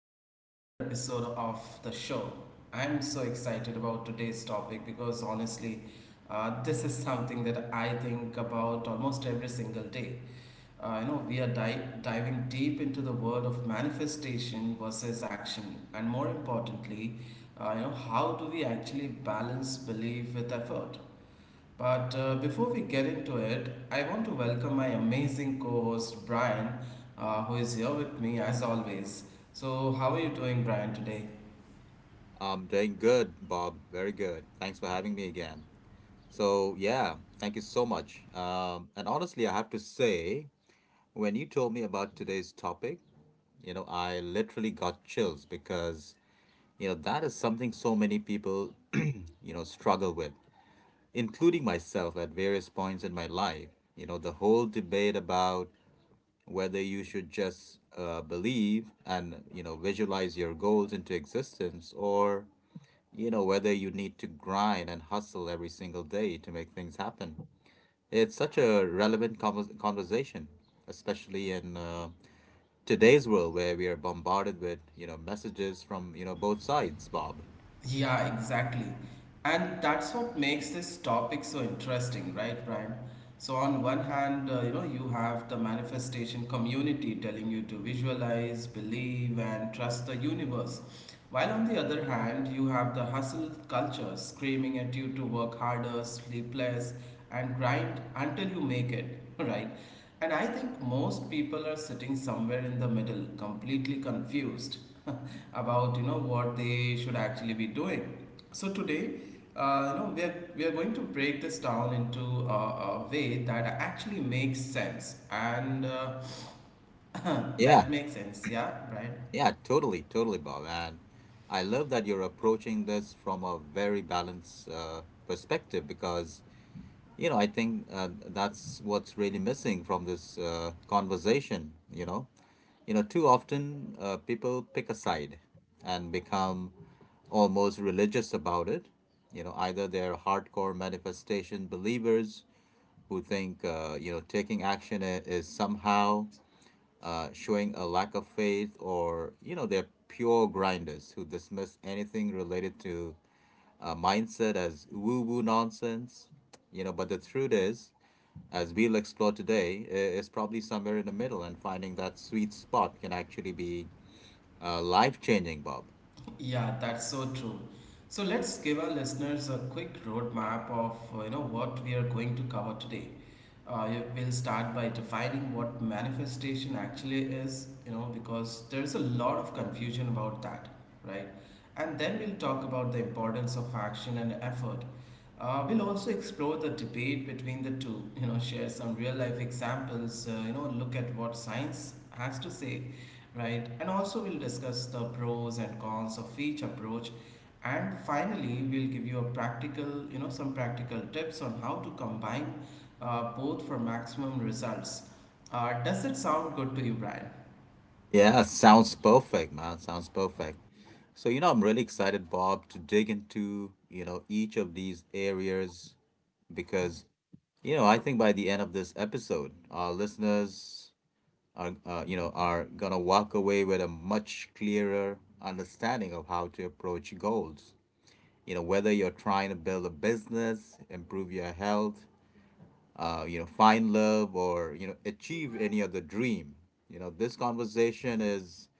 back to another episode of the show. I'm so excited about today's topic because honestly, this is something that I think about almost every single day. We are dive diving deep into the world of manifestation versus action, and more importantly, how do we actually balance belief with effort? But before we get into it, I want to welcome my amazing co host Brian, who is here with me as always. So, how are you doing, Brian, today? I'm doing good, Bob. Very good. Thanks for having me again. So, yeah, thank you so much. And honestly, I have to say, when you told me about today's topic, I literally got chills because, that is something so many people, struggle with, including myself at various points in my life. You know, the whole debate about whether you should just believe and, visualize your goals into existence, or you know, whether you need to grind and hustle every single day to make things happen. It's such a relevant conversation, especially in today's world where we are bombarded with, you know, messages from, you know, both sides, Bob. Yeah, exactly. And that's what makes this topic so interesting, right, Brian? So, on one hand, you have the manifestation community telling you to visualize, believe, and trust the universe. While on the other hand, you have the hustle culture screaming at you to work harder, sleep less, and grind until you make it, right? And I think most people are sitting somewhere in the middle, completely confused about you know what they should actually be doing. So today, we are going to break this down into a way that actually makes sense and Yeah, that makes sense, yeah, right? yeah, totally, Bob. And I love that you're approaching this from a very balanced perspective, because you know, I think that's what's really missing from this conversation. You know, too often people pick a side and become almost religious about it. You know, either they're hardcore manifestation believers who think you know taking action is somehow showing a lack of faith, or you know, they're pure grinders who dismiss anything related to mindset as woo woo nonsense, you know. But the truth is, as we'll explore today, is probably somewhere in the middle, and finding that sweet spot can actually be life changing, Bob. Yeah, that's so true. So let's give our listeners a quick roadmap of what we are going to cover today. We'll start by defining what manifestation actually is, you know, because there's a lot of confusion about that, right? And then we'll talk about the importance of action and effort. We'll also explore the debate between the two, you know, share some real life examples, look at what science has to say. Right, and also we'll discuss the pros and cons of each approach, and finally we'll give you a practical, you know, some practical tips on how to combine both for maximum results. Does it sound good to you, Brian? Yeah, sounds perfect, man. Sounds perfect. So, you know, I'm really excited, Bob, to dig into, you know, each of these areas because, you know, I think by the end of this episode, our listeners are you know are gonna walk away with a much clearer understanding of how to approach goals, you know, whether you're trying to build a business, improve your health, you know, find love, or you know, achieve any other dream. You know, this conversation is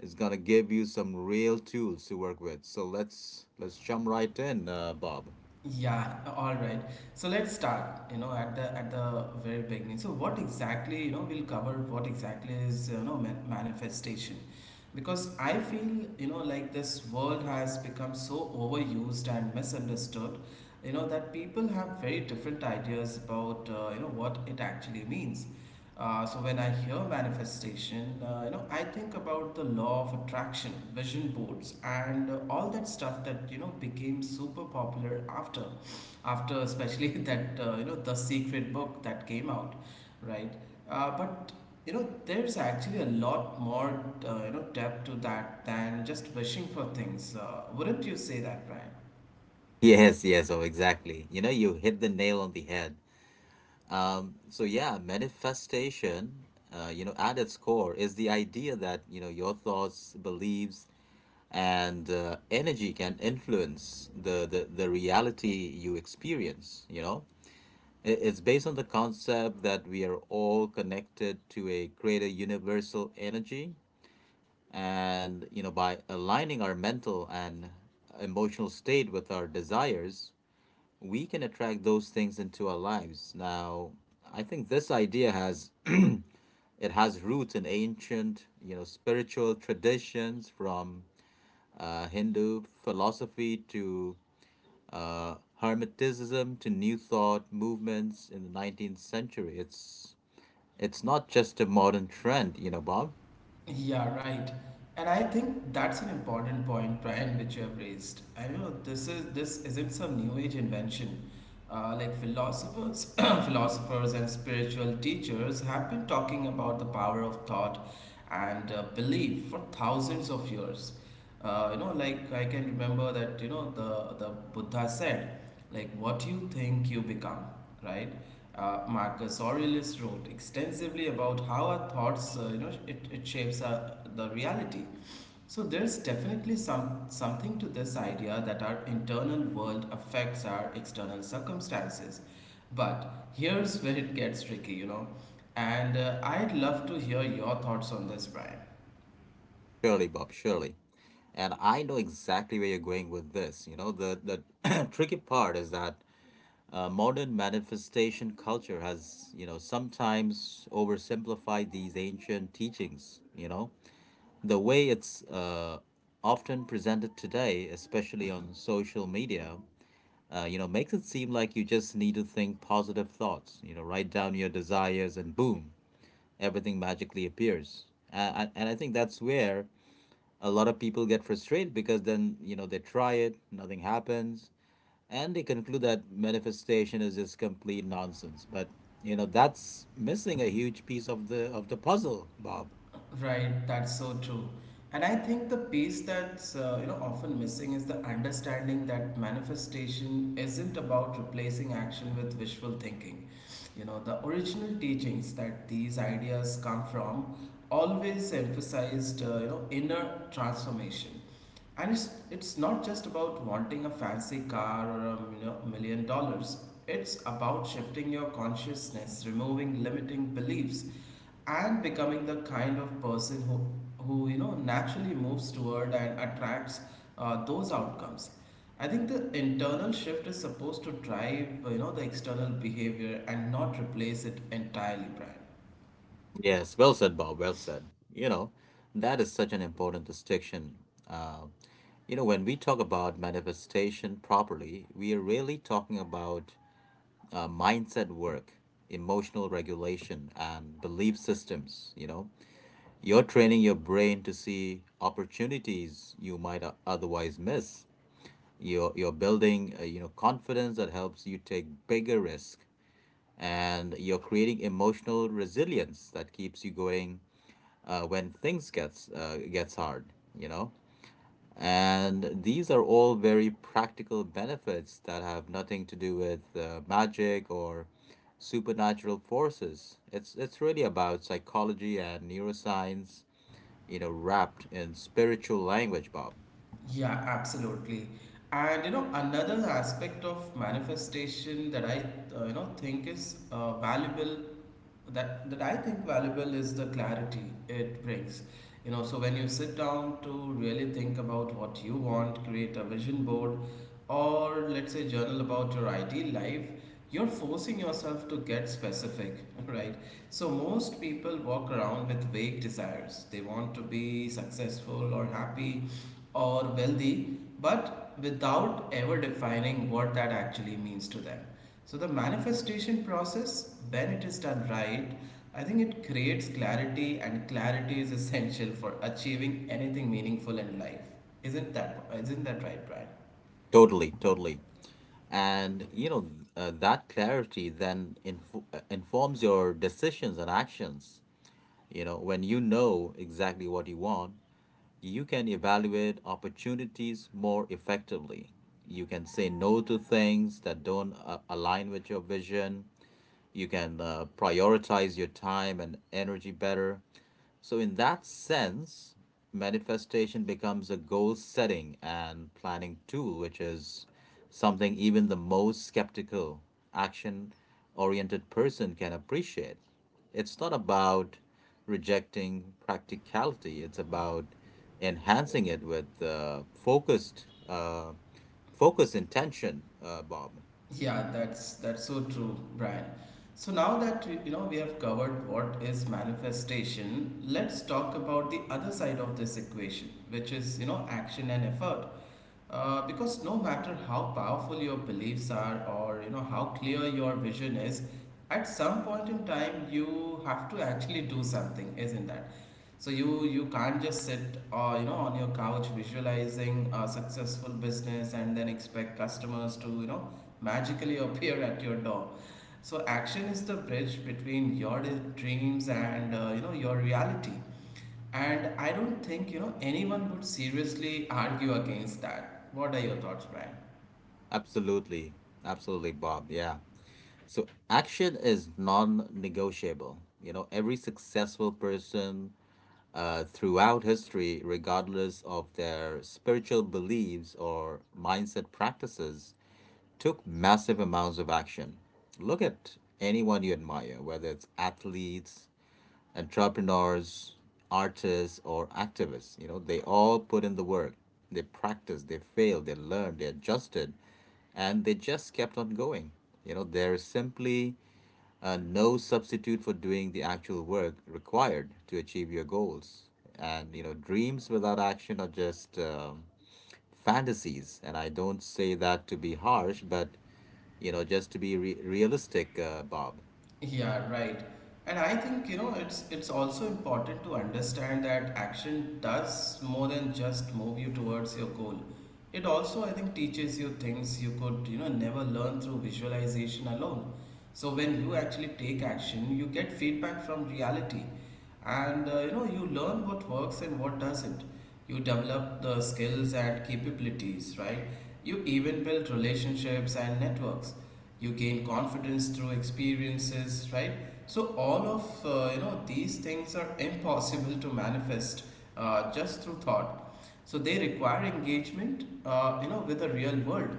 is gonna give you some real tools to work with. So let's jump right in, Bob. Yeah, all right. So let's start, you know, at the very beginning. So what exactly, you know, we'll cover what exactly is, you know, manifestation. Because I feel you know like this world has become so overused and misunderstood, you know, that people have very different ideas about what it actually means. So when I hear manifestation, I think about the law of attraction, vision boards, and all that stuff that you know became super popular after especially that, the secret book that came out, right. But you know, there's actually a lot more, depth to that than just wishing for things. Wouldn't you say that, Brian? Yes, yes, oh exactly, you know, you hit the nail on the head. So yeah, manifestation, you know, at its core is the idea that, you know, your thoughts, beliefs, and energy can influence the reality you experience, you know? It's based on the concept that we are all connected to a greater universal energy. And, you know, by aligning our mental and emotional state with our desires, we can attract those things into our lives. Now, I think this idea has it has roots in ancient, you know, spiritual traditions from Hindu philosophy to uh, Hermeticism to New Thought movements in the 19th century. It's not just a modern trend, you know, Bob. Yeah, right. And I think that's an important point, Brian, which you have raised. I know this is this isn't some new age invention. Like philosophers philosophers and spiritual teachers have been talking about the power of thought and belief for thousands of years. Like I can remember that you know the Buddha said, like what you think you become, right. Marcus Aurelius wrote extensively about how our thoughts, it shapes the reality. So there's definitely something to this idea that our internal world affects our external circumstances. But here's where it gets tricky, you know. And I'd love to hear your thoughts on this, Brian. Surely, Bob. Surely. And I know exactly where you're going with this. You know, the tricky part is that modern manifestation culture has, you know, sometimes oversimplified these ancient teachings, you know. The way it's often presented today, especially on social media, you know, makes it seem like you just need to think positive thoughts, you know, write down your desires and boom, everything magically appears. And I think that's where a lot of people get frustrated because then, you know, they try it, nothing happens, and they conclude that manifestation is just complete nonsense. But you know, that's missing a huge piece of the puzzle, Bob. Right, that's so true. And I think the piece that's often missing is the understanding that manifestation isn't about replacing action with wishful thinking. You know, the original teachings that these ideas come from always emphasized, inner transformation. And it's not just about wanting a fancy car or a you know, $1 million. It's about shifting your consciousness, removing limiting beliefs, and becoming the kind of person who you know, naturally moves toward and attracts those outcomes. I think the internal shift is supposed to drive, you know, the external behavior and not replace it entirely, Brian. Yes, well said, Bob, well said. You know, that is such an important distinction. uh, you know, when we talk about manifestation properly, we are really talking about mindset work, emotional regulation, and belief systems. You know, you're training your brain to see opportunities you might otherwise miss. You're building, you know, confidence that helps you take bigger risk, and you're creating emotional resilience that keeps you going when things gets hard. You know, and these are all very practical benefits that have nothing to do with magic or supernatural forces. It's really about psychology and neuroscience, you know, wrapped in spiritual language, Bob. Yeah, absolutely. And you know, another aspect of manifestation that I think is valuable that that I think valuable is the clarity it brings. You know, so when you sit down to really think about what you want, create a vision board, or let's say journal about your ideal life, you're forcing yourself to get specific, right? So most people walk around with vague desires. They want to be successful or happy or wealthy, but without ever defining what that actually means to them. So, the manifestation process, when it is done right, I think it creates clarity, and clarity is essential for achieving anything meaningful in life. Isn't that right, Brian? Totally, totally. And you know, that clarity then informs your decisions and actions. You know, when you know exactly what you want, you can evaluate opportunities more effectively. You can say no to things that don't align with your vision. You can prioritize your time and energy better. So, in that sense, manifestation becomes a goal setting and planning tool, which is something even the most skeptical, action oriented person can appreciate. It's not about rejecting practicality, it's about enhancing it with focus intention, Bob. Yeah, that's so true, Brian. So now that you know we have covered what is manifestation, let's talk about the other side of this equation, which is you know action and effort. Because no matter how powerful your beliefs are or you know how clear your vision is, at some point in time you have to actually do something, isn't that? So you can't just sit, on your couch visualizing a successful business and then expect customers to you know magically appear at your door. So action is the bridge between your dreams and your reality. And I don't think, you know, anyone would seriously argue against that. What are your thoughts, Brian? Absolutely, absolutely, Bob, yeah. So action is non-negotiable. You know, every successful person throughout history, regardless of their spiritual beliefs or mindset practices, took massive amounts of action. Look at anyone you admire, whether it's athletes, entrepreneurs, artists, or activists. You know, they all put in the work. They practiced, they failed, they learned, they adjusted, and they just kept on going. You know, there is simply no substitute for doing the actual work required to achieve your goals. And you know, dreams without action are just fantasies. And I don't say that to be harsh, but you know, just to be realistic, Bob. Yeah, right. And I think, you know, it's also important to understand that action does more than just move you towards your goal. It also, I think, teaches you things you could, you know, never learn through visualization alone. So when you actually take action, you get feedback from reality. And, you learn what works and what doesn't. You develop the skills and capabilities, right? You even build relationships and networks. You gain confidence through experiences, right? So all of these things are impossible to manifest just through thought. So they require engagement, with the real world.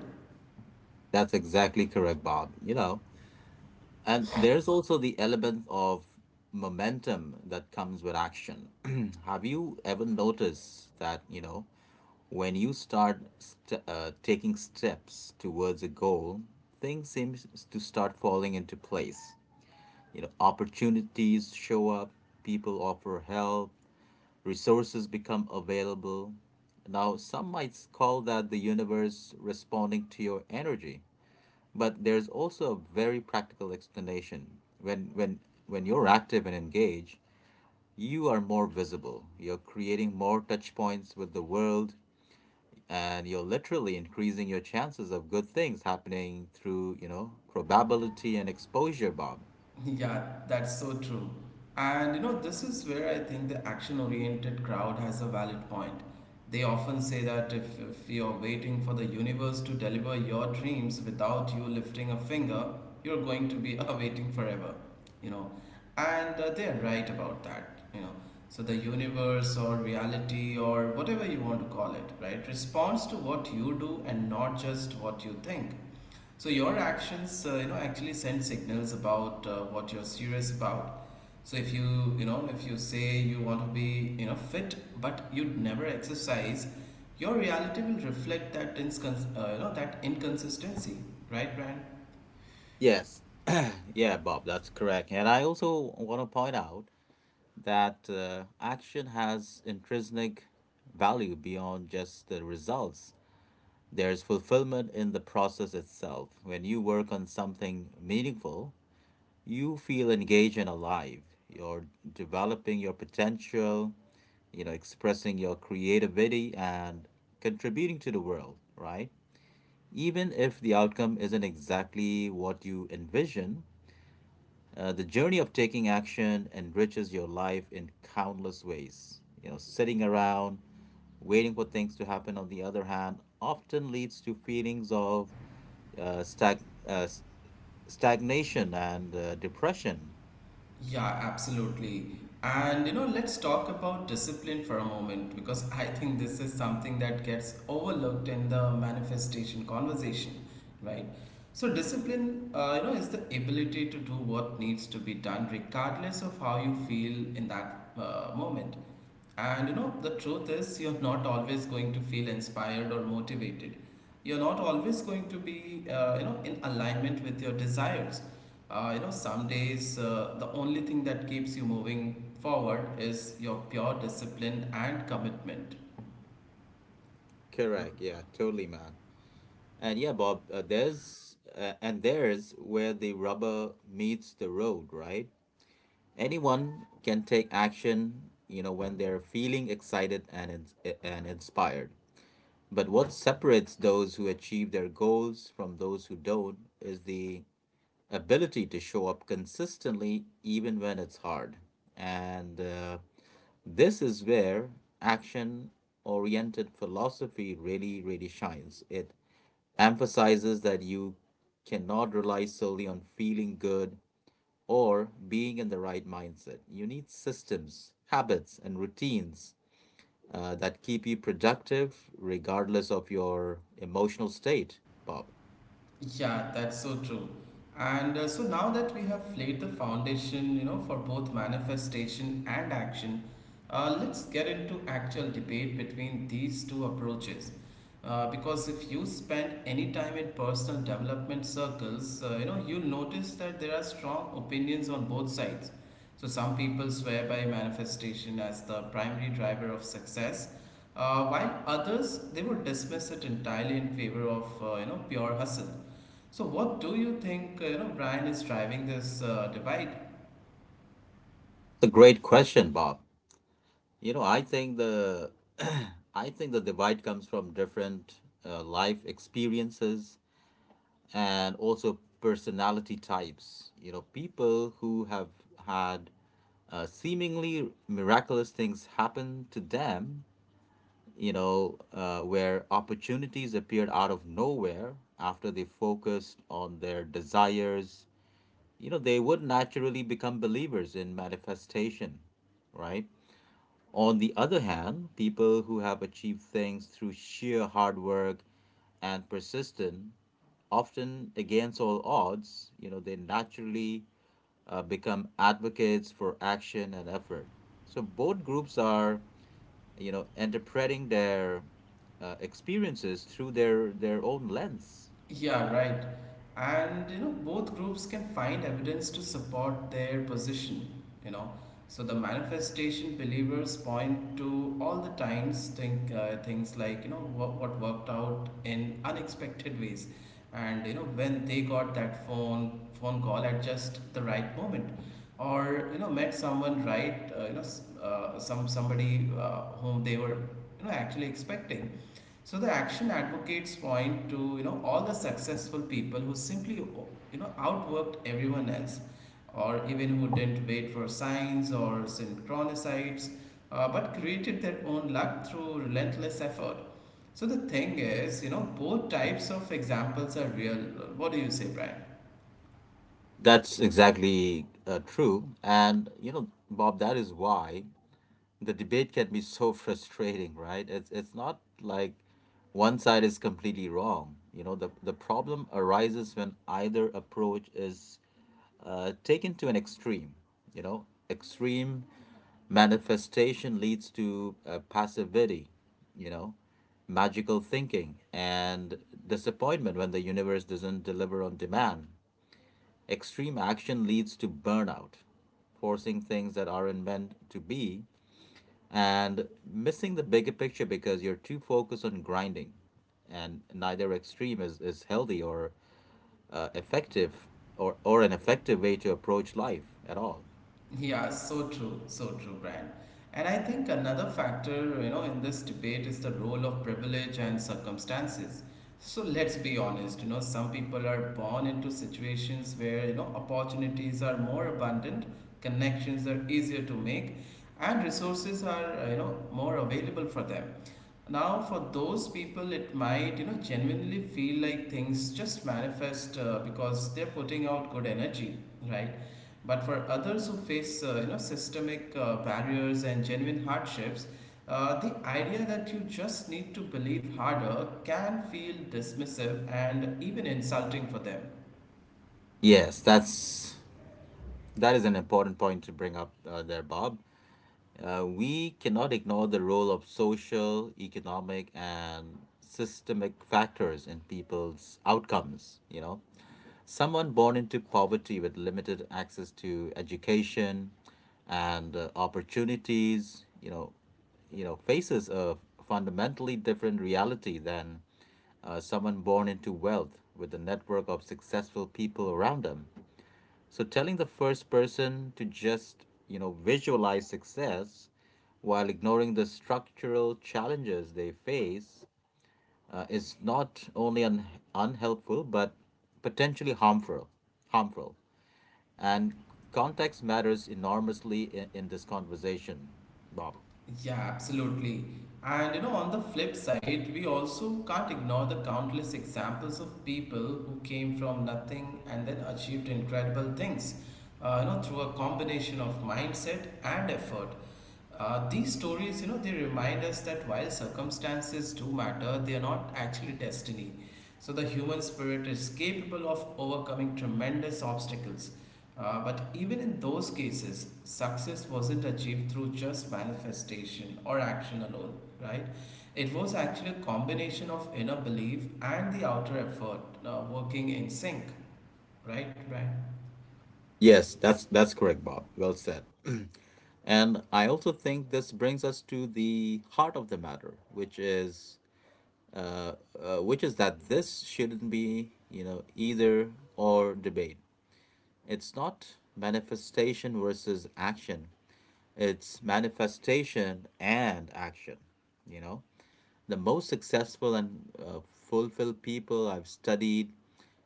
That's exactly correct, Bob. You know, and there's also the element of momentum that comes with action. Have you ever noticed that, you know, when you start taking steps towards a goal, things seem to start falling into place. You know, opportunities show up, people offer help, resources become available. Now, some might call that the universe responding to your energy. But there's also a very practical explanation. When you're active and engaged, you are more visible. You're creating more touch points with the world, and you're literally increasing your chances of good things happening through, you know, probability and exposure, Bob. Yeah, that's so true. And you know, this is where I think the action oriented crowd has a valid point. They often say that if you're waiting for the universe to deliver your dreams without you lifting a finger, you're going to be waiting forever, you know. And they're right about that, you know. So the universe or reality or whatever you want to call it, right, responds to what you do and not just what you think. So your actions, actually send signals about what you're serious about. So if you say you want to be, you know, fit, but you never exercise, your reality will reflect that that inconsistency, right, Brand? Yes. Yeah, Bob, that's correct. And I also want to point out that action has intrinsic value beyond just the results. There's fulfillment in the process itself. When you work on something meaningful, you feel engaged and alive. You're developing your potential, you know, expressing your creativity and contributing to the world, right? Even if the outcome isn't exactly what you envision, the journey of taking action enriches your life in countless ways. You know, sitting around, waiting for things to happen, on the other hand, often leads to feelings of uh, stag- uh, s- stagnation and depression. Yeah, absolutely. And you know, let's talk about discipline for a moment because I think this is something that gets overlooked in the manifestation conversation, right? So, discipline, is the ability to do what needs to be done regardless of how you feel in that moment. And you know, the truth is, you're not always going to feel inspired or motivated. You're not always going to be in alignment with your desires. Some days, the only thing that keeps you moving forward is your pure discipline and commitment. Correct. Yeah, totally, man. And yeah, Bob, there's and there's where the rubber meets the road, right? Anyone can take action, you know, when they're feeling and inspired. But what separates those who achieve their goals from those who don't is the ability to show up consistently even when it's hard. And this is where action oriented philosophy really, really shines. It emphasizes that you cannot rely solely on feeling good or being in the right mindset. You need systems, habits, and routines that keep you productive regardless of your emotional state, Bob? Yeah, that's so true. And so now that we have laid the foundation, you know, for both manifestation and action, let's get into actual debate between these two approaches. Because if you spend any time in personal development circles, you'll notice that there are strong opinions on both sides. So some people swear by manifestation as the primary driver of success, while others they would dismiss it entirely in favor of pure hustle. So, what do you think, Brian is driving this divide? It's a great question, Bob. You know, I think the I think the divide comes from different life experiences and also personality types. You know, people who have had seemingly miraculous things happen to them, you know, where opportunities appeared out of nowhere after they focused on their desires, you know, they would naturally become believers in manifestation, right? On the other hand, people who have achieved things through sheer hard work and persistence, often against all odds, you know, they naturally become advocates for action and effort. So both groups are, you know, interpreting their experiences through their own lens. Yeah, right. And you know, both groups can find evidence to support their position, you know. So the manifestation believers point to all the times think things like, you know, what worked out in unexpected ways. And you know, when they got that phone call at just the right moment or you know, met someone right, somebody whom they were you know actually expecting. So the action advocates point to you know all the successful people who simply you know outworked everyone else, or even who didn't wait for signs or synchronicites, but created their own luck through relentless effort. So the thing is, you know, both types of examples are real. What do you say, Brian? That's exactly true. And, you know, Bob, that is why the debate can be so frustrating, right? It's not like one side is completely wrong. You know, the problem arises when either approach is taken to an extreme. You know, extreme manifestation leads to passivity, you know, magical thinking, and disappointment when the universe doesn't deliver on demand. Extreme action leads to burnout, forcing things that aren't meant to be, and missing the bigger picture because you're too focused on grinding. And neither extreme is healthy or uh, effective or an effective way to approach life at all. Yeah, so true, Brian. And I think another factor, in this debate is the role of privilege and circumstances. So let's be honest, some people are born into situations where, opportunities are more abundant, connections are easier to make, and resources are, more available for them. Now, for those people, it might, genuinely feel like things just manifest because they're putting out good energy, right? But for others who face systemic barriers and genuine hardships, the idea that you just need to believe harder can feel dismissive and even insulting for them. Yes, that's that is an important point to bring up there, Bob. We cannot ignore the role of social, economic, and systemic factors in people's outcomes. You know, someone born into poverty with limited access to education and opportunities, you know, faces a fundamentally different reality than someone born into wealth with a network of successful people around them. So telling the first person to just, you know, visualize success while ignoring the structural challenges they face is not only unhelpful but potentially harmful and context matters enormously in this conversation, Bob. Yeah, absolutely. And you know, on the flip side, we also can't ignore the countless examples of people who came from nothing and then achieved incredible things, through a combination of mindset and effort. These stories, they remind us that while circumstances do matter, they are not actually destiny. So the human spirit is capable of overcoming tremendous obstacles. But even in those cases, success wasn't achieved through just manifestation or action alone, right? It was actually a combination of inner belief and the outer effort working in sync, right, Brian? Yes, that's correct, Bob. Well said. And I also think this brings us to the heart of the matter, uh, which is that this shouldn't be, you know, either or debate. It's not manifestation versus action. It's manifestation and action. You know, the most successful and fulfilled people I've studied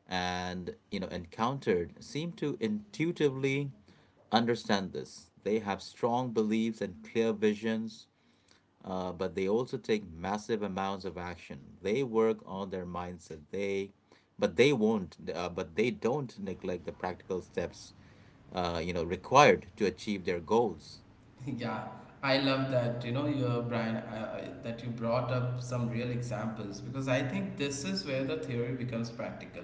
and, you know, encountered seem to intuitively understand this. They have strong beliefs and clear visions, but they also take massive amounts of action. They work on their mindset. They, but they won't. But they don't neglect the practical steps, you know, required to achieve their goals. Yeah, I love that, Brian, that you brought up some real examples because I think this is where the theory becomes practical.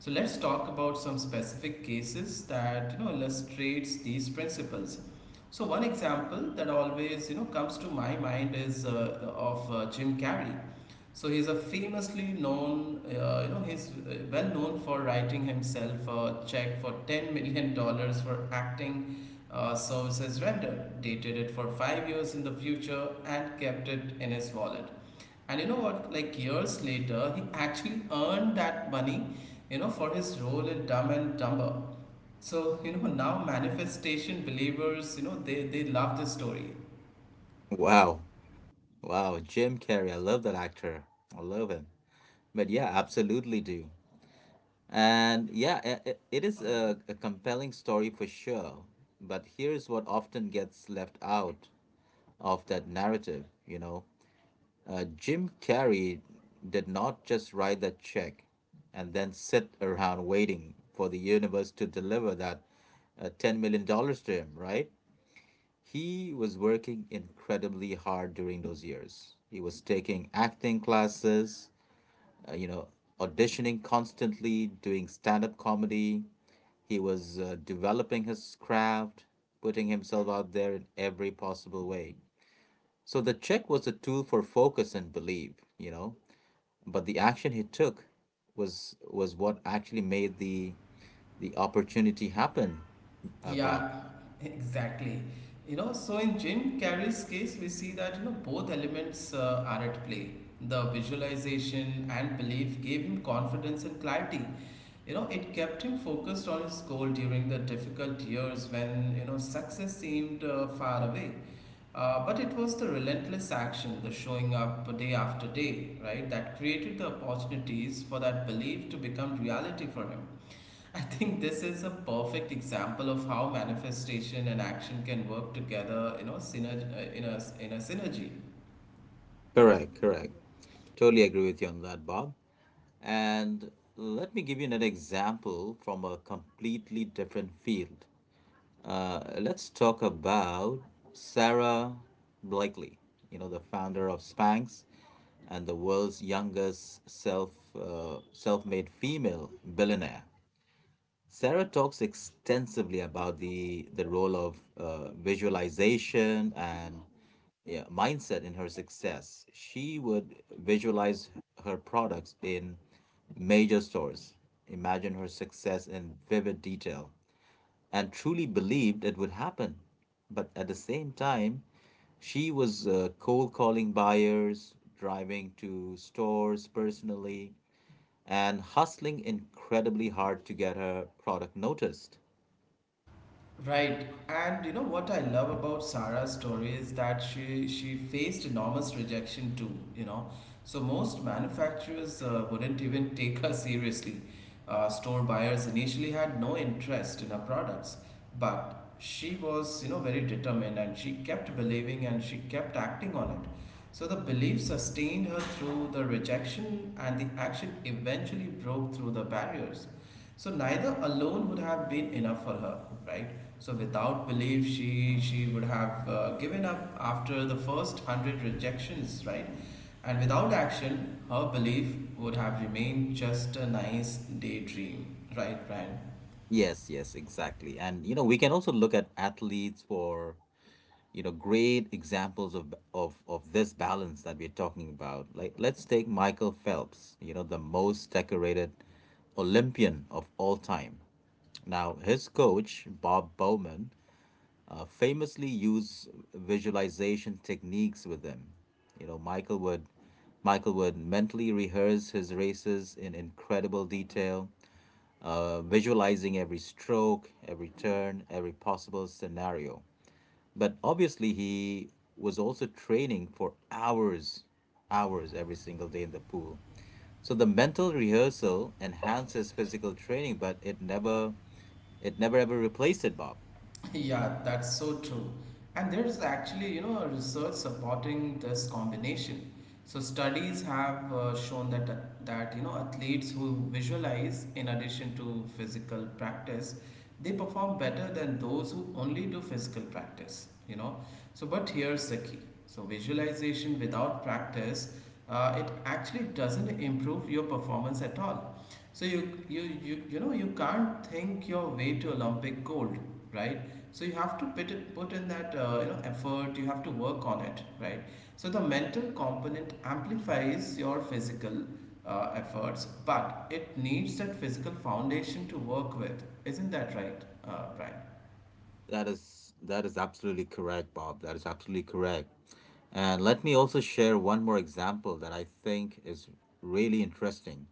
So let's talk about some specific cases that illustrates these principles. So one example that always comes to my mind is of Jim Carrey. So he's a famously known, he's well known for writing himself a check for $10 million for acting services rendered, dated it for 5 years in the future, and kept it in his wallet. And you know what? Like years later, he actually earned that money, for his role in Dumb and Dumber. So, now manifestation believers, they love this story. Wow. Wow, Jim Carrey. I love that actor. I love him. But yeah, absolutely do. And yeah, it is a compelling story for sure. But here's what often gets left out of that narrative, you know. Jim Carrey did not just write that check and then sit around waiting for the universe to deliver that $10 million dollars to him, right? He was working incredibly hard during those years. He was taking acting classes, you know, auditioning constantly, doing stand up comedy. He was developing his craft, putting himself out there in every possible way. So the check was a tool for focus and belief, you know, but the action he took was what actually made the opportunity happen, Bob. Yeah, exactly. You know, so in Jim Carrey's case, we see that both elements are at play. The visualization and belief gave him confidence and clarity. You know, it kept him focused on his goal during the difficult years when success seemed far away. But it was the relentless action, the showing up day after day, right, that created the opportunities for that belief to become reality for him. I think this is a perfect example of how manifestation and action can work together, in a synergy. Correct, correct. Totally agree with you on that, Bob. And let me give you another example from a completely different field. Let's talk about Sarah Blakely, you know, the founder of Spanx and the world's youngest self-made female billionaire. Sarah talks extensively about the role of visualization and yeah, mindset in her success. She would visualize her products in major stores, imagine her success in vivid detail, and truly believed it would happen. But at the same time, she was cold calling buyers, driving to stores personally, and hustling incredibly hard to get her product noticed. Right. And you know what I love about Sarah's story is that she faced enormous rejection too, you know. So most manufacturers wouldn't even take her seriously. Store buyers initially had no interest in her products, but she was, you know, very determined and she kept believing and she kept acting on it. So the belief sustained her through the rejection and the action eventually broke through the barriers. So neither alone would have been enough for her, right? So without belief, she would have given up after the first 100 rejections, right? And without action, her belief would have remained just a nice daydream, right, Brian? Yes, yes, exactly. And you know, we can also look at athletes for, you know, great examples of of this balance that we're talking about. Like let's take Michael Phelps, you know, the most decorated Olympian of all time. Now, his coach, Bob Bowman, famously use visualization techniques with them. You know, Michael would mentally rehearse his races in incredible detail, visualizing every stroke, every turn, every possible scenario. But obviously, he was also training for hours, hours every single day in the pool. So the mental rehearsal enhances physical training, but it never ever replaced it, Bob. Yeah, that's so true. And there's actually, you know, a research supporting this combination. So studies have shown that you know athletes who visualize in addition to physical practice, they perform better than those who only do physical practice. You know, so but here's the key. So visualization without practice, it actually doesn't improve your performance at all. So you know you can't think your way to Olympic gold, right? So you have to put it, put in that effort. You have to work on it, right? So the mental component amplifies your physical efforts, but it needs that physical foundation to work with. Isn't that right, Brian? That is absolutely correct, Bob. That is absolutely correct. And let me also share one more example that I think is really interesting.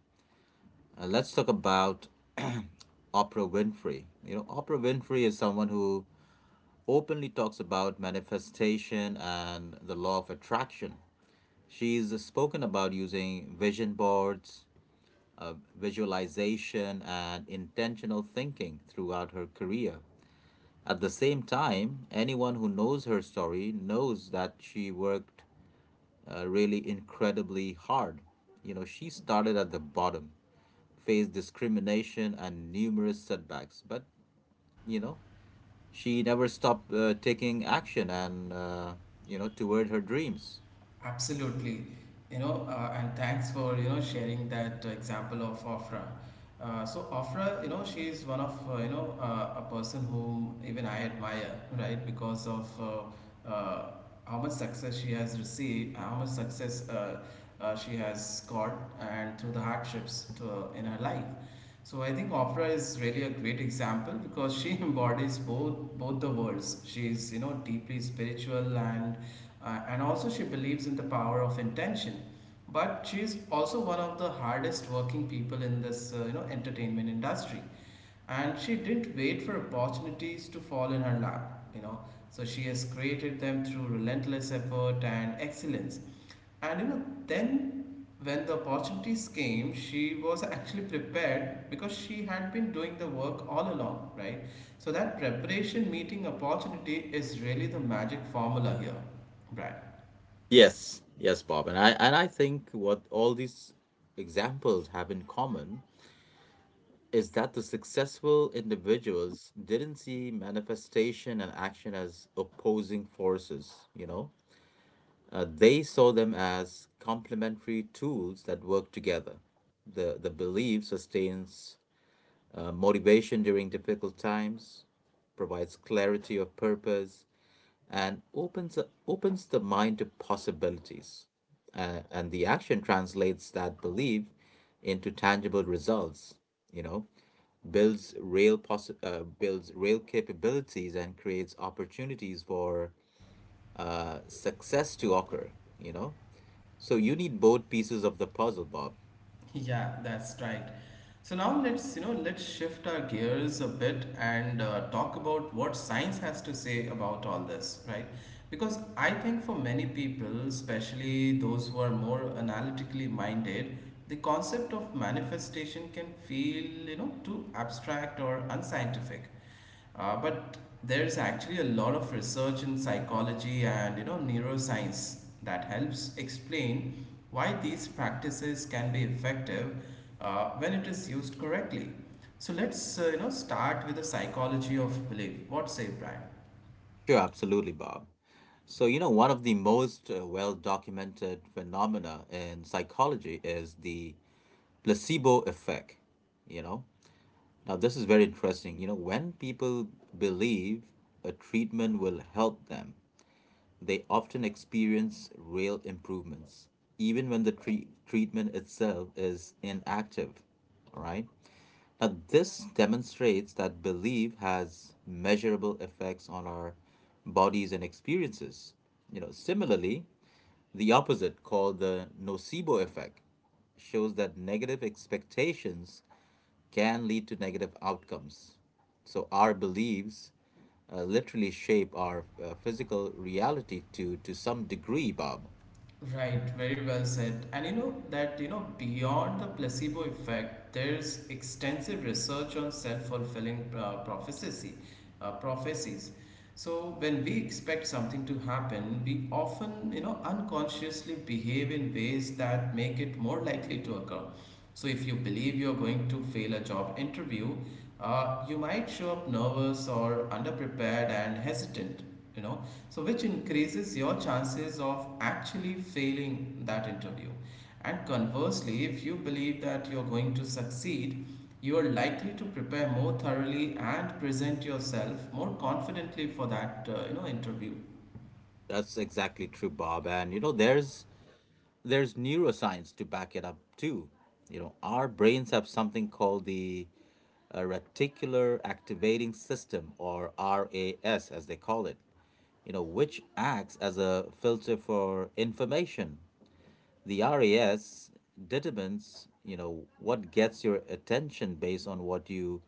Let's talk about Oprah Winfrey. You know, Oprah Winfrey is someone who openly talks about manifestation and the law of attraction. She's spoken about using vision boards, visualization, and intentional thinking throughout her career. At the same time, anyone who knows her story knows that she worked really incredibly hard. You know, she started at the bottom, faced discrimination and numerous setbacks, but, you know, she never stopped taking action and you know toward her dreams. Absolutely, and thanks for sharing that example of Ofra. So Ofra, she is one of a person whom even I admire, right? Because of how much success she has received, how much success she has got, and through the hardships to, in her life. So I think Ofra is really a great example because she embodies both the worlds. She is you know deeply spiritual and also, she believes in the power of intention. But she's also one of the hardest working people in this, entertainment industry, and she didn't wait for opportunities to fall in her lap, you know, so she has created them through relentless effort and excellence. And you know, then when the opportunities came, she was actually prepared because she had been doing the work all along, right? So that preparation meeting opportunity is really the magic formula here, Brad. Yes, yes, Bob, and I think what all these examples have in common is that the successful individuals didn't see manifestation and action as opposing forces, you know? They saw them as complementary tools that work together. The belief sustains motivation during difficult times, provides clarity of purpose, and opens the mind to possibilities. And the action translates that belief into tangible results, you know, builds real capabilities and creates opportunities for success to occur, you know. So you need both pieces of the puzzle, Bob. Yeah, that's right. So now let's, let's shift our gears a bit and talk about what science has to say about all this, right? Because I think for many people, especially those who are more analytically minded, the concept of manifestation can feel, too abstract or unscientific. But there's actually a lot of research in psychology and neuroscience that helps explain why these practices can be effective when it is used correctly. So let's start with the psychology of belief. What say, Brian? Sure, absolutely, Bob. So, you know, one of the most well documented phenomena in psychology is the placebo effect, you know. Now, this is very interesting. You know, when people believe a treatment will help them, they often experience real improvements, even when the treatment itself is inactive. All right. Now, this demonstrates that belief has measurable effects on our bodies and experiences. You know, similarly, the opposite, called the nocebo effect, shows that negative expectations can lead to negative outcomes. So our beliefs literally shape our physical reality to some degree, Bob. Right, very well said. And you know that, beyond the placebo effect, there's extensive research on self-fulfilling prophecies. So when we expect something to happen, we often, unconsciously behave in ways that make it more likely to occur. So, if you believe you're going to fail a job interview, you might show up nervous or underprepared and hesitant, you know, so which increases your chances of actually failing that interview. And conversely, if you believe that you're going to succeed, you are likely to prepare more thoroughly and present yourself more confidently for that interview. That's exactly true, Bob. And you know, there's neuroscience to back it up too. You know, our brains have something called the reticular activating system, or RAS, as they call it. You know, which acts as a filter for information. The RAS determines, you know, what gets your attention based on what you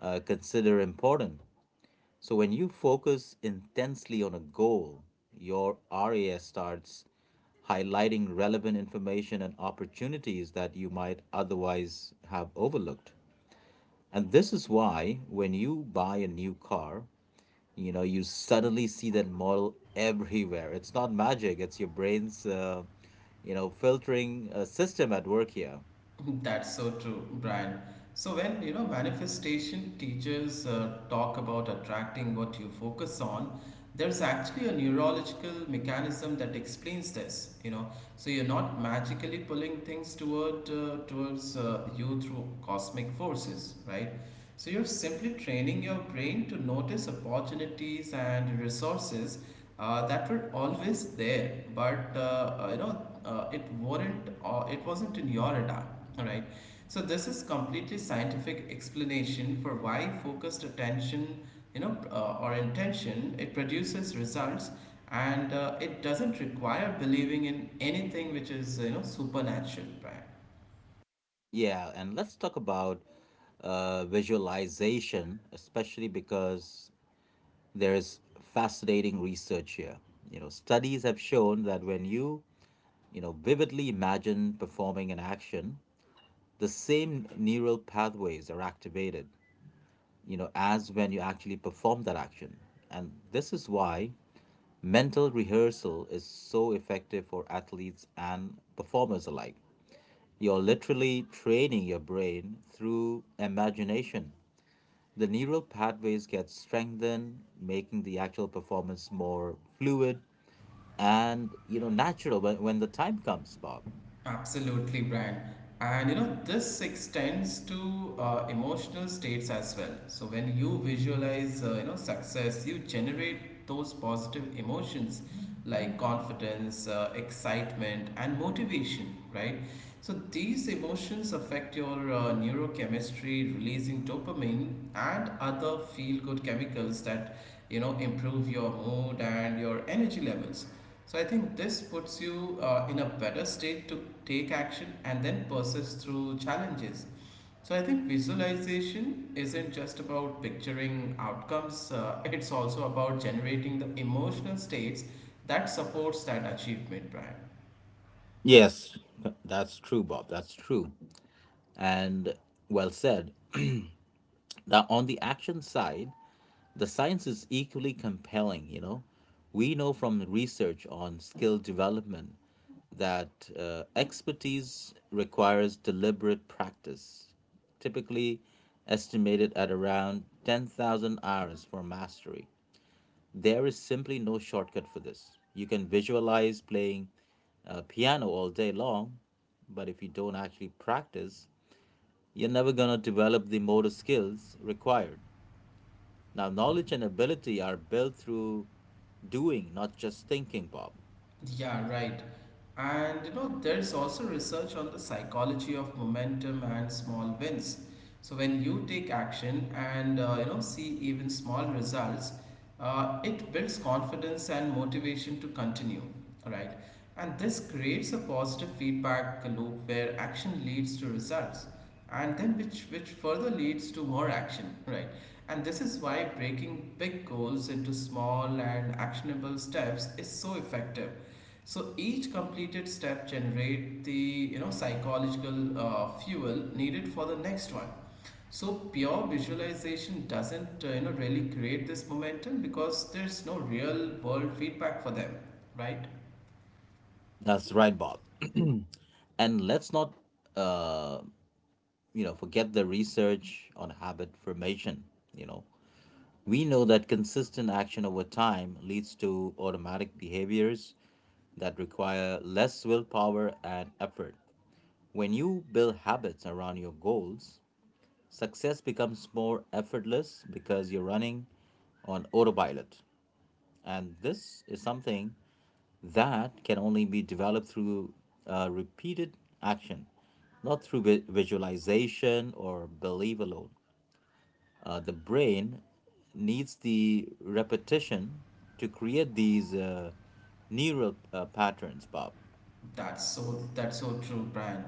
consider important. So when you focus intensely on a goal, your RAS starts highlighting relevant information and opportunities that you might otherwise have overlooked. And this is why when you buy a new car, you know, you suddenly see that model everywhere. It's not magic, it's your brain's you know filtering system at work here. That's so true, Brian. So when you know manifestation teachers talk about attracting what you focus on, there's actually a neurological mechanism that explains this. You know, so you're not magically pulling things towards you through cosmic forces, right? So you're simply training your brain to notice opportunities and resources that were always there, but it wasn't in your radar. All right. So this is completely scientific explanation for why focused attention, or intention, it produces results, and it doesn't require believing in anything which is you know supernatural, right? Yeah, and let's talk about visualization especially, because there's fascinating research here. You know, studies have shown that when you know, vividly imagine performing an action, the same neural pathways are activated, you know, as when you actually perform that action. And this is why mental rehearsal is so effective for athletes and performers alike. You're literally training your brain through imagination. The neural pathways get strengthened, making the actual performance more fluid and you know natural when the time comes, Bob. Absolutely, Brian. And you know, this extends to emotional states as well. So when you visualize, success, you generate those positive emotions like confidence, excitement, and motivation, right? So these emotions affect your neurochemistry, releasing dopamine and other feel-good chemicals that improve your mood and your energy levels. So I think this puts you in a better state to take action and then persist through challenges. So I think visualization isn't just about picturing outcomes, it's also about generating the emotional states that supports that achievement, Brian. Yes, that's true, Bob. That's true. And well said. Now, on the action side, the science is equally compelling, you know. We know from research on skill development that expertise requires deliberate practice, typically estimated at around 10,000 hours for mastery. There is simply no shortcut for this. You can visualize playing piano all day long, but if you don't actually practice, you're never going to develop the motor skills required. Now, knowledge and ability are built through doing, not just thinking, Bob. Yeah, right. And you know, there's also research on the psychology of momentum and small wins. So when you take action and see even small results, it builds confidence and motivation to continue, all right? And this creates a positive feedback loop where action leads to results, and then which further leads to more action, right? And this is why breaking big goals into small and actionable steps is so effective, so each completed step generate the psychological fuel needed for the next one. So pure visualization doesn't really create this momentum because there's no real world feedback for them, right? That's right, Bob. And let's not, uh, you know, forget the research on habit formation. You know, we know that consistent action over time leads to automatic behaviors that require less willpower and effort. When you build habits around your goals, success becomes more effortless because you're running on autopilot. And this is something that can only be developed through repeated action, not through visualization or belief alone. The brain needs the repetition to create these neural patterns, Bob. That's so true, Brian.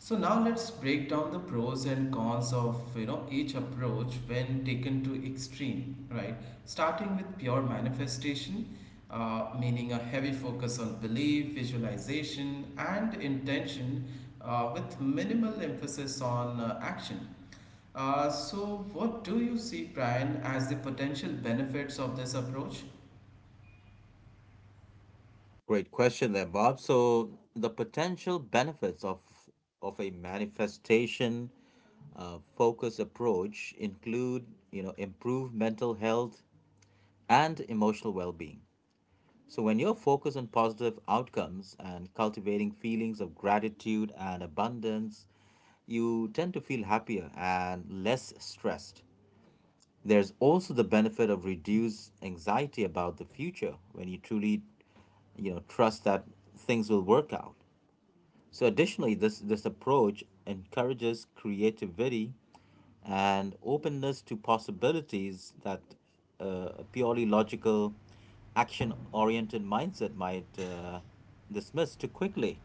So now let's break down the pros and cons of you know each approach when taken to extreme, right? Starting with pure manifestation, meaning a heavy focus on belief, visualization, and intention, with minimal emphasis on action. So, what do you see, Brian, as the potential benefits of this approach? Great question there, Bob. So the potential benefits of a manifestation focus approach include, you know, improved mental health, and emotional well being. So, when you're focused on positive outcomes and cultivating feelings of gratitude and abundance, you tend to feel happier and less stressed. There's also the benefit of reduced anxiety about the future when you truly, you know, trust that things will work out. So additionally, this approach encourages creativity and openness to possibilities that a purely logical, action-oriented mindset might dismiss too quickly.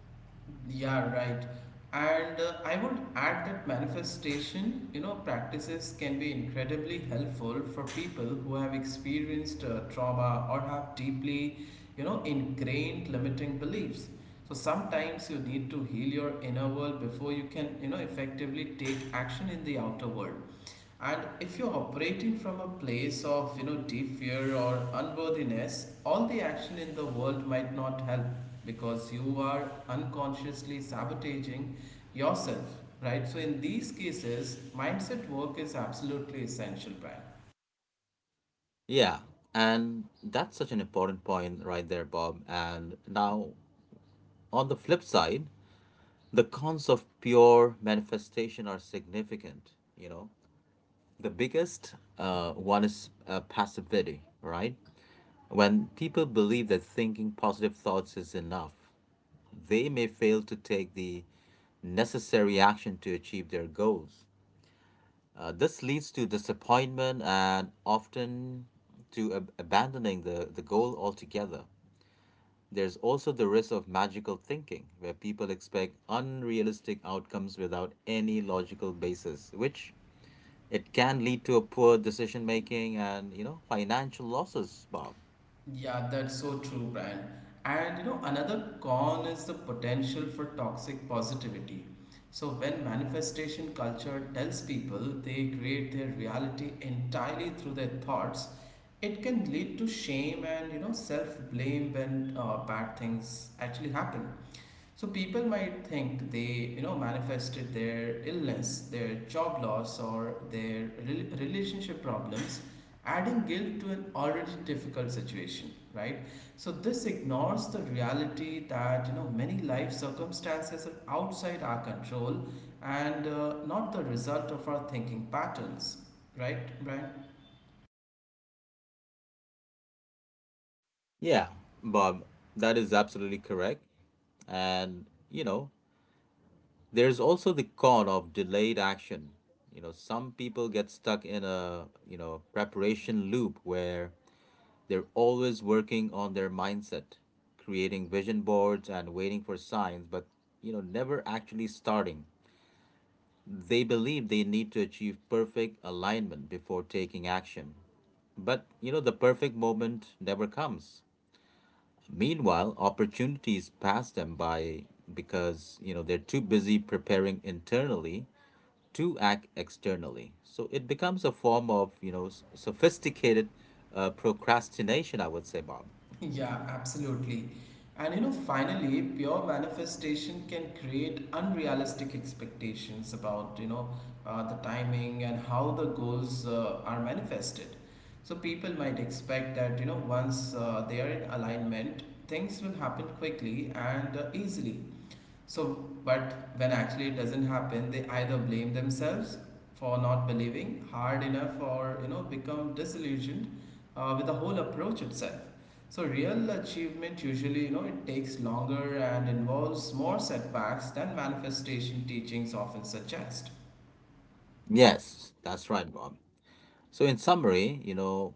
Yeah, right. And I would add that manifestation, practices can be incredibly helpful for people who have experienced trauma or have deeply, ingrained limiting beliefs. So sometimes you need to heal your inner world before you can, effectively take action in the outer world. And if you're operating from a place of you know deep fear or unworthiness, all the action in the world might not help because you are unconsciously sabotaging yourself, right? So in these cases, mindset work is absolutely essential, Brian. Yeah, and that's such an important point right there, Bob. And now, on the flip side, the cons of pure manifestation are significant, you know. The biggest one is passivity, right? When people believe that thinking positive thoughts is enough, they may fail to take the necessary action to achieve their goals. This leads to disappointment and often to abandoning the goal altogether. There's also the risk of magical thinking, where people expect unrealistic outcomes without any logical basis, which it can lead to a poor decision making and, you know, financial losses, Bob. Yeah, that's so true, Brian. And another con is the potential for toxic positivity. So when manifestation culture tells people they create their reality entirely through their thoughts, it can lead to shame and self blame when bad things actually happen. So people might think they, manifested their illness, their job loss, or their relationship problems, adding guilt to an already difficult situation, right? So this ignores the reality that many life circumstances are outside our control and not the result of our thinking patterns, right, Brian? Yeah. Bob, that is absolutely correct. And, you know, there's also the con of delayed action. You know, some people get stuck in a, you know, preparation loop where they're always working on their mindset, creating vision boards and waiting for signs, but, you know, never actually starting. They believe they need to achieve perfect alignment before taking action. But, you know, the perfect moment never comes. Meanwhile, opportunities pass them by because, you know, they're too busy preparing internally to act externally. So it becomes a form of, you know, sophisticated procrastination, I would say, Bob. Yeah, absolutely. And finally, pure manifestation can create unrealistic expectations about, the timing and how the goals are manifested. So people might expect that, once they are in alignment, things will happen quickly and easily. So, but when actually it doesn't happen, they either blame themselves for not believing hard enough or become disillusioned with the whole approach itself. So real achievement usually it takes longer and involves more setbacks than manifestation teachings often suggest. Yes, that's right, Bob. So, in summary, you know,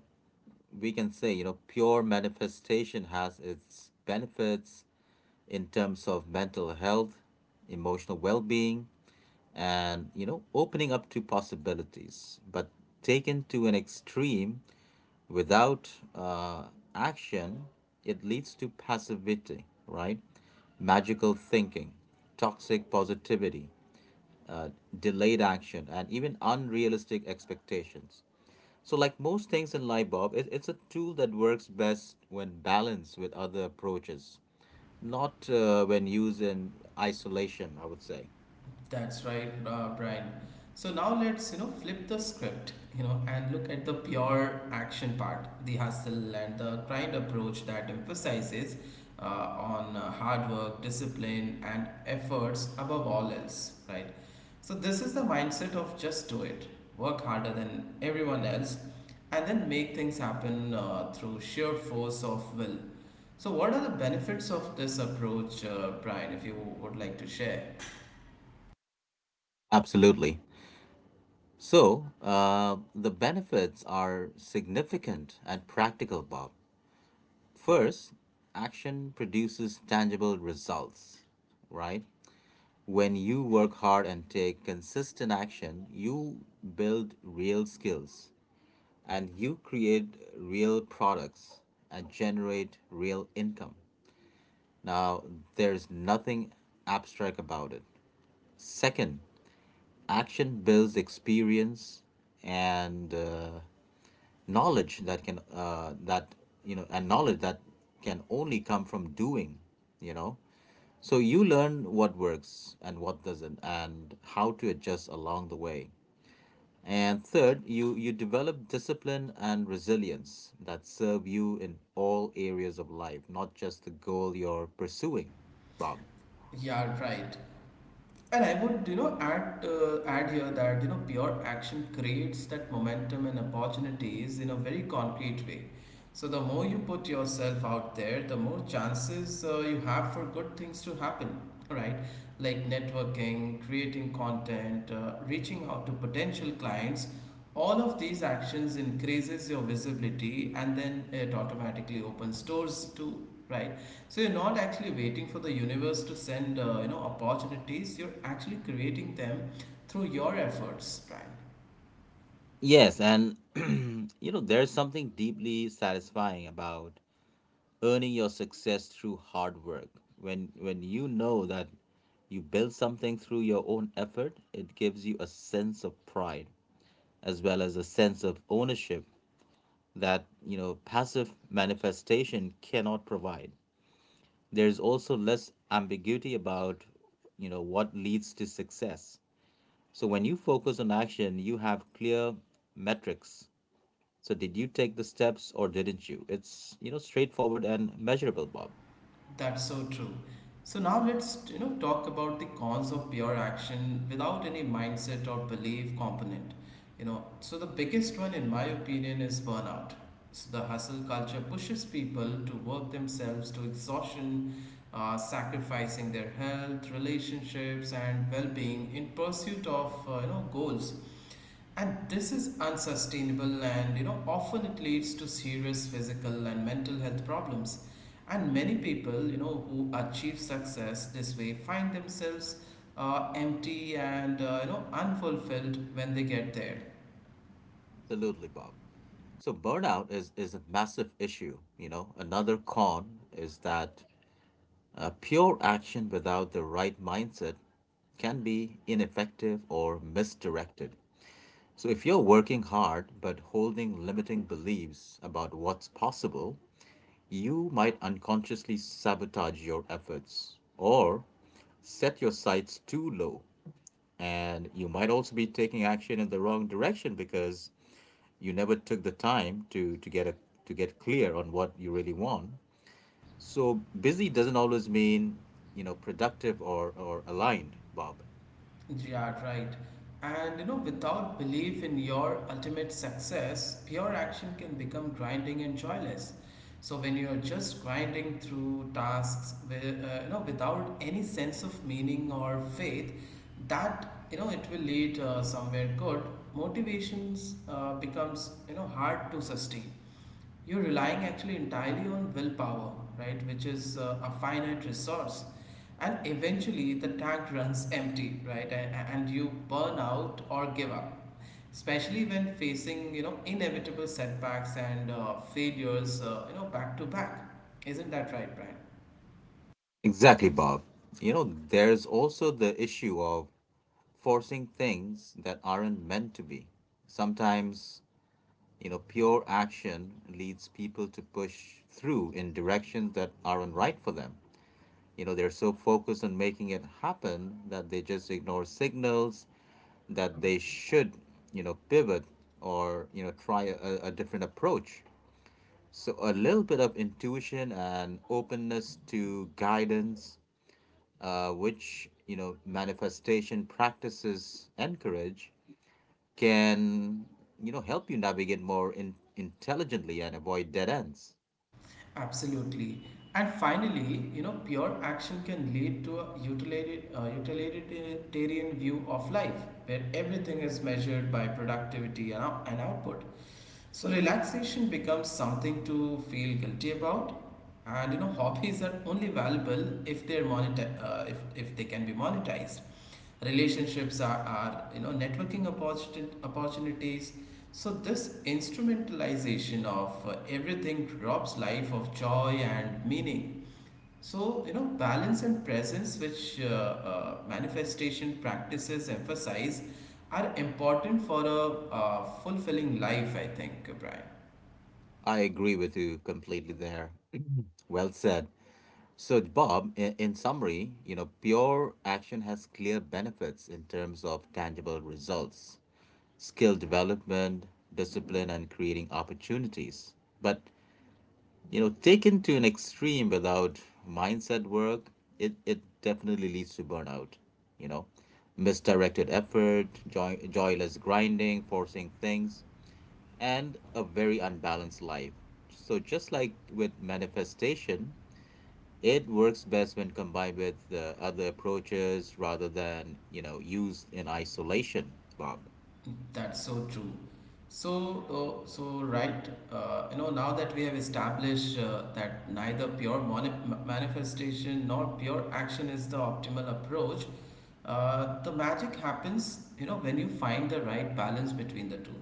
we can say, you know, pure manifestation has its benefits in terms of mental health, emotional well being, and, you know, opening up to possibilities. But taken to an extreme without action, it leads to passivity, right? Magical thinking, toxic positivity, uh, delayed action, and even unrealistic expectations. So, like most things in life, Bob, it's a tool that works best when balanced with other approaches, not when used in isolation, I would say. That's right, Brian. So now let's flip the script, and look at the pure action part, the hustle and the grind approach that emphasizes uh, on hard work, discipline, and efforts above all else, right? So this is the mindset of just do it, work harder than everyone else, and then make things happen through sheer force of will. So what are the benefits of this approach, Brian? If you would like to share. Absolutely. So, the benefits are significant and practical, Bob. First, action produces tangible results, right? When you work hard and take consistent action, you build real skills, and you create real products and generate real income. Now, there's nothing abstract about it. Second, action builds experience and knowledge that can that you know and knowledge that can only come from doing. You know, so you learn what works and what doesn't, and how to adjust along the way. And third, you develop discipline and resilience that serve you in all areas of life, not just the goal you're pursuing, Bob. Yeah, right. And I would, add here that pure action creates that momentum and opportunities in a very concrete way. So the more you put yourself out there, the more chances you have for good things to happen. Right? Like networking, creating content, reaching out to potential clients. All of these actions increases your visibility, and then it automatically opens doors to right so you're not actually waiting for the universe to send, opportunities. You're actually creating them through your efforts, Brian. Yes, and you know, there's something deeply satisfying about earning your success through hard work. When you know that you build something through your own effort, it gives you a sense of pride as well as a sense of ownership that, you know, passive manifestation cannot provide. There's also less ambiguity about, you know, what leads to success. So when you focus on action, you have clear metrics. So did you take the steps or didn't you? It's, you know, straightforward and measurable, Bob. That's so true. So now let's, talk about the cons of pure action without any mindset or belief component. So the biggest one, in my opinion, is burnout. So the hustle culture pushes people to work themselves to exhaustion, sacrificing their health, relationships, and well-being in pursuit of, goals. And this is unsustainable, and often it leads to serious physical and mental health problems. And many people, who achieve success this way find themselves empty and unfulfilled when they get there. Absolutely, Bob. So burnout is a massive issue. You know, another con is that pure action without the right mindset can be ineffective or misdirected. So if you're working hard but holding limiting beliefs about what's possible, you might unconsciously sabotage your efforts or set your sights too low. And you might also be taking action in the wrong direction because you never took the time to get clear on what you really want, so busy doesn't always mean, you know, productive or aligned, Bob. Yeah, right. And without belief in your ultimate success, pure action can become grinding and joyless. So when you're just grinding through tasks, with, without any sense of meaning or faith, that it will lead somewhere good. Motivations becomes hard to sustain. You're relying actually entirely on willpower, right, which is a finite resource. And eventually the tank runs empty, right, and you burn out or give up. Especially when facing, inevitable setbacks and failures, back to back. Isn't that right, Brian? Exactly, Bob. You know, there's also the issue of forcing things that aren't meant to be. Sometimes, you know, pure action leads people to push through in directions that aren't right for them. You know, they're so focused on making it happen that they just ignore signals that they should, you know, pivot or, you know, try a different approach. So a little bit of intuition and openness to guidance, which, you know, manifestation practices encourage, can, you know, help you navigate more intelligently and avoid dead ends. Absolutely. And finally, pure action can lead to a utilitarian, utilitarian view of life, where everything is measured by productivity and, and output. So relaxation becomes something to feel guilty about, and hobbies are only valuable if they're if they can be monetized. Relationships are networking opportunities. So this instrumentalization of everything robs life of joy and meaning. So, balance and presence, which manifestation practices emphasize, are important for a fulfilling life, I think, Brian. I agree with you completely there. Well said. So, Bob, in summary, you know, pure action has clear benefits in terms of tangible results, skill development, discipline, and creating opportunities. But, you know, taken to an extreme without mindset work, it definitely leads to burnout, you know, misdirected effort, joyless grinding, forcing things, and a very unbalanced life. So, just like with manifestation, it works best when combined with other approaches rather than, you know, used in isolation, Bob. That's so true. So, Now that we have established that neither pure manifestation nor pure action is the optimal approach, the magic happens, when you find the right balance between the two.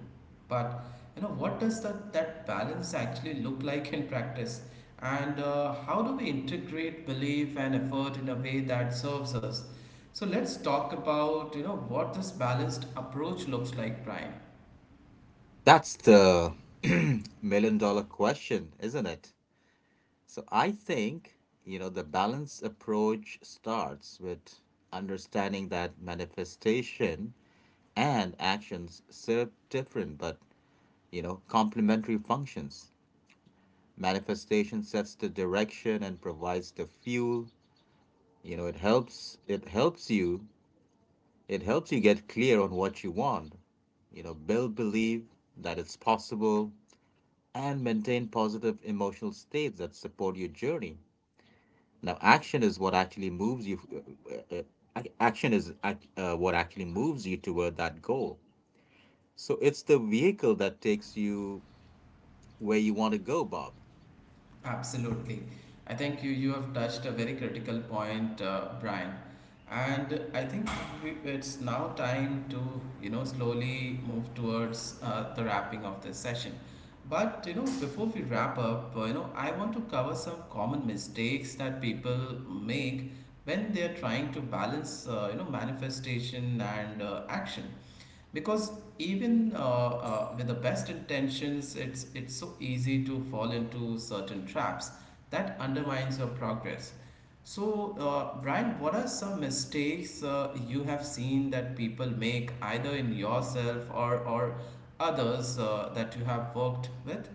But, what does that balance actually look like in practice? And how do we integrate belief and effort in a way that serves us? So let's talk about what this balanced approach looks like, Brian. That's the million dollar question, isn't it? So, I think, you know, the balance approach starts with understanding that manifestation and actions serve different but, you know, complementary functions. Manifestation sets the direction and provides the fuel. You know, it helps you get clear on what you want. You know, build belief that it's possible and maintain positive emotional states that support your journey. Now, action is what actually moves you. Uh, uh, uh, what actually moves you toward that goal. So it's the vehicle that takes you where you want to go, Bob. Absolutely, I think you have touched a very critical point, Brian, and I think we, it's now time to slowly move towards the wrapping of this session. But before we wrap up, I want to cover some common mistakes that people make when they are trying to balance manifestation and action because even with the best intentions it's so easy to fall into certain traps that undermines your progress. So Brian, what are some mistakes you have seen that people make, either in yourself or others that you have worked with?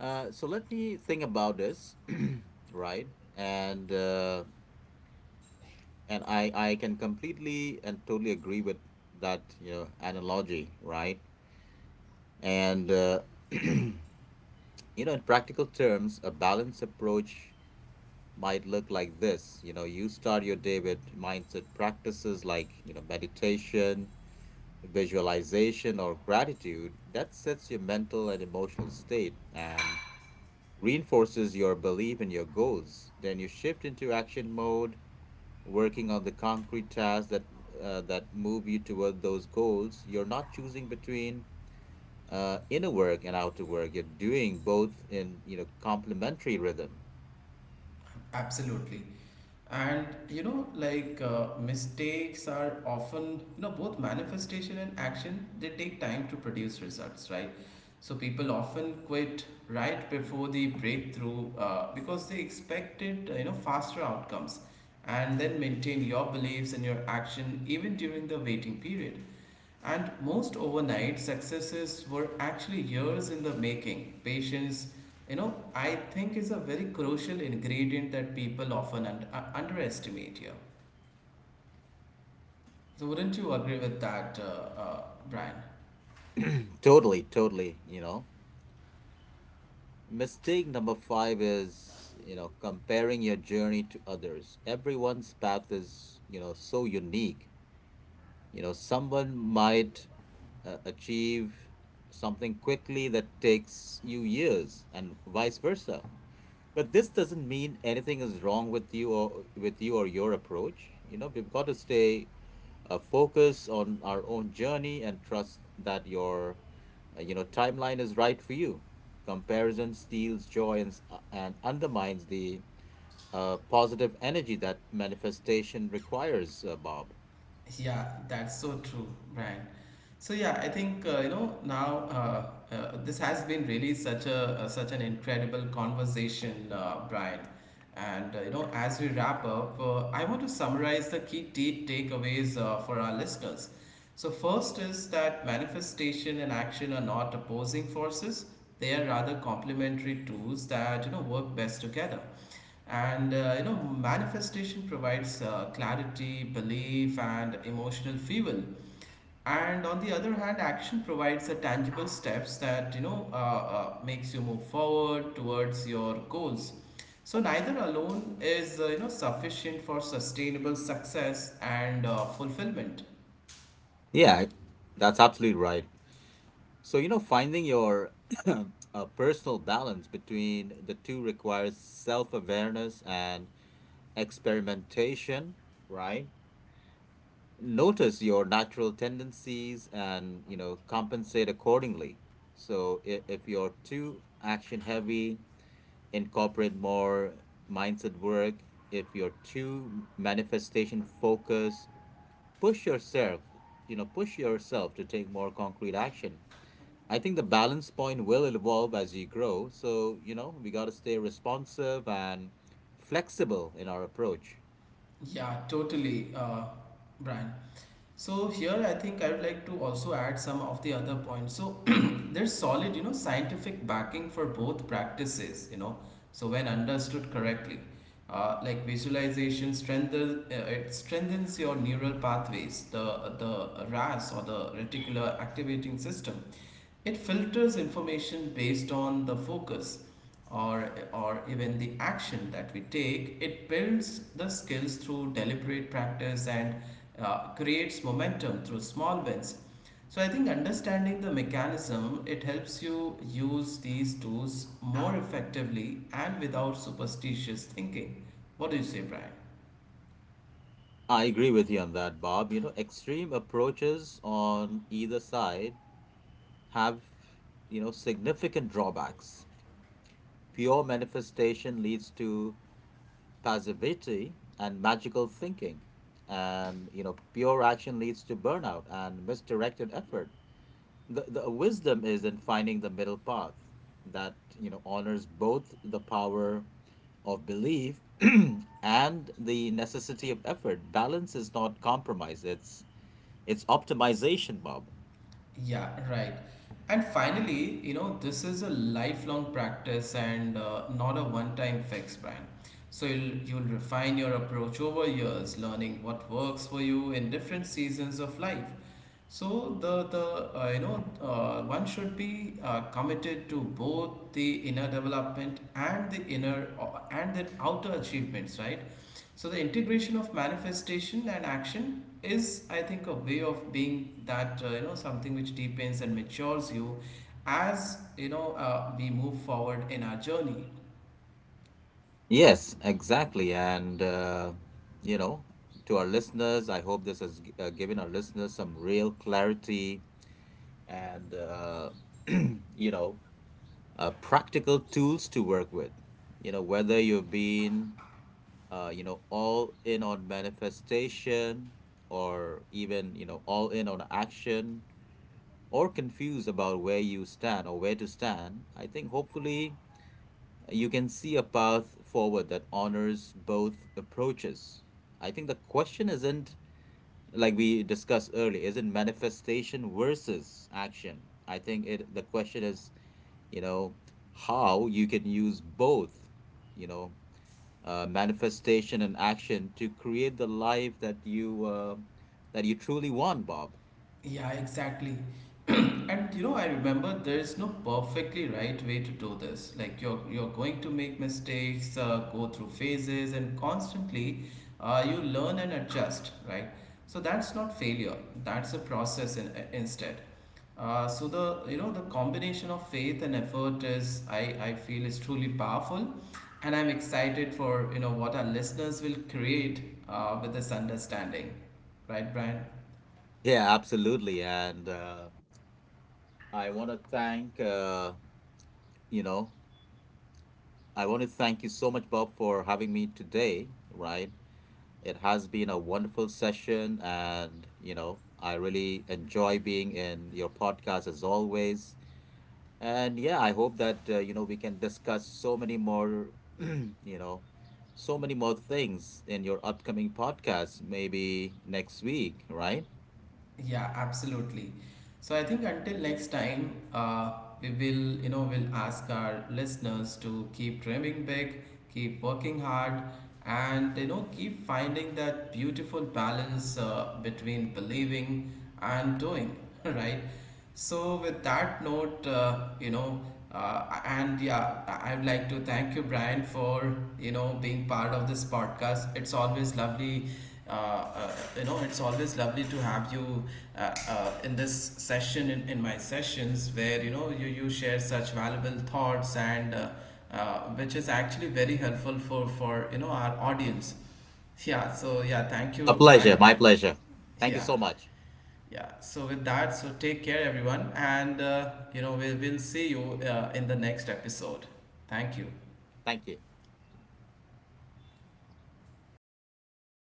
So let me think about this, right? And I can completely and totally agree with that, you know, analogy, right? And you know, in practical terms, a balanced approach might look like this. You know, you start your day with mindset practices like, you know, meditation, visualization, or gratitude. That sets your mental and emotional state, and reinforces your belief in your goals. Then you shift into action mode, working on the concrete tasks that move you toward those goals. You're not choosing between inner work and outer work. You're doing both in, you know, complementary rhythm. Absolutely. And mistakes are often both manifestation and action, they take time to produce results, right? So people often quit right before the breakthrough because they expected faster outcomes. And then maintain your beliefs and your action even during the waiting period, and most overnight successes were actually years in the making. Patience, I think, is a very crucial ingredient that people often underestimate here. So wouldn't you agree with that, Brian? Totally, totally. You know, mistake number five is, you know, comparing your journey to others. Everyone's path is, you know, so unique. You know, someone might achieve something quickly that takes you years, and vice versa. But this doesn't mean anything is wrong with you or your approach. You know, we've got to stay focused on our own journey and trust that your you know, timeline is right for you. Comparison steals joy and, and undermines the positive energy that manifestation requires, Bob. Yeah, that's so true, Brian. So yeah, I think now this has been really such a such an incredible conversation, Brian. And as we wrap up, I want to summarize the key takeaways for our listeners. So first is that manifestation and action are not opposing forces, they are rather complementary tools that work best together. And manifestation provides clarity, belief, and emotional fuel. And on the other hand, action provides the tangible steps that makes you move forward towards your goals. So neither alone is sufficient for sustainable success and fulfillment. Yeah, that's absolutely right. So, you know, finding your personal balance between the two requires self-awareness and experimentation, right? Notice your natural tendencies and, you know, compensate accordingly. So, if you're too action-heavy, incorporate more mindset work. If you're too manifestation-focused, push yourself, push yourself to take more concrete action. I think the balance point will evolve as you grow. So, you know, we got to stay responsive and flexible in our approach. Yeah, totally, Brian. So here I think I would like to also add some of the other points. So there's solid, scientific backing for both practices, so when understood correctly, like visualization strengthens your neural pathways, the RAS, or the reticular activating system. It filters information based on the focus or even the action that we take. It builds the skills through deliberate practice and creates momentum through small wins. So I think understanding the mechanism, it helps you use these tools more effectively and without superstitious thinking. What do you say, Brian? I agree with you on that, Bob. You know, extreme approaches on either side have, you know, significant drawbacks. Pure manifestation leads to passivity and magical thinking. And, you know, pure action leads to burnout and misdirected effort. The wisdom is in finding the middle path that, you know, honors both the power of belief and the necessity of effort. Balance is not compromise, it's optimization, Bob. Yeah, right. And finally, this is a lifelong practice and not a one-time fix, Brian. So you'll refine your approach over years, learning what works for you in different seasons of life. So the you know one should be committed to both the inner development and the inner and the outer achievements, right? So the integration of manifestation and action is, I think, a way of being that something which deepens and matures you as we move forward in our journey. Yes, exactly. And you know, to our listeners, I hope this has given our listeners some real clarity, and you know, practical tools to work with. You know, whether you've been, you know, all in on manifestation, or even, you know, all in on action, or confused about where you stand or where to stand, I think hopefully you can see a path forward that honors both approaches. I think the question isn't, like we discussed earlier, isn't manifestation versus action. I think it the question is, you know, how you can use both, you know, manifestation and action to create the life that you truly want, Bob. Yeah, exactly. And I remember there is no perfectly right way to do this. Like you're going to make mistakes, go through phases, and constantly you learn and adjust, right? So that's not failure. That's a process instead. So the you know the combination of faith and effort is, I feel, is truly powerful, and I'm excited for what our listeners will create with this understanding, right, Brian? Yeah, absolutely. And I want to thank, uh, you know, I want to thank you so much, Bob, for having me today, right? It has been a wonderful session. And, you know, I really enjoy being in your podcast as always. And yeah, I hope that, you know, we can discuss you know so many more things in your upcoming podcast, maybe next week, right? Yeah, absolutely. So I think until next time, we will, we'll ask our listeners to keep dreaming big, keep working hard, and keep finding that beautiful balance between believing and doing, right? So with that note, and yeah, I would like to thank you, Brian, for being part of this podcast. It's always lovely, uh, uh, it's always lovely to have you in this session, in my sessions where you share such valuable thoughts and which is actually very helpful for our audience. Yeah. So yeah, thank A you, Brian. pleasure, my pleasure, thank you Yeah. so much. Yeah, so with that, so take care, everyone, and we will see you in the next episode. Thank you. Thank you.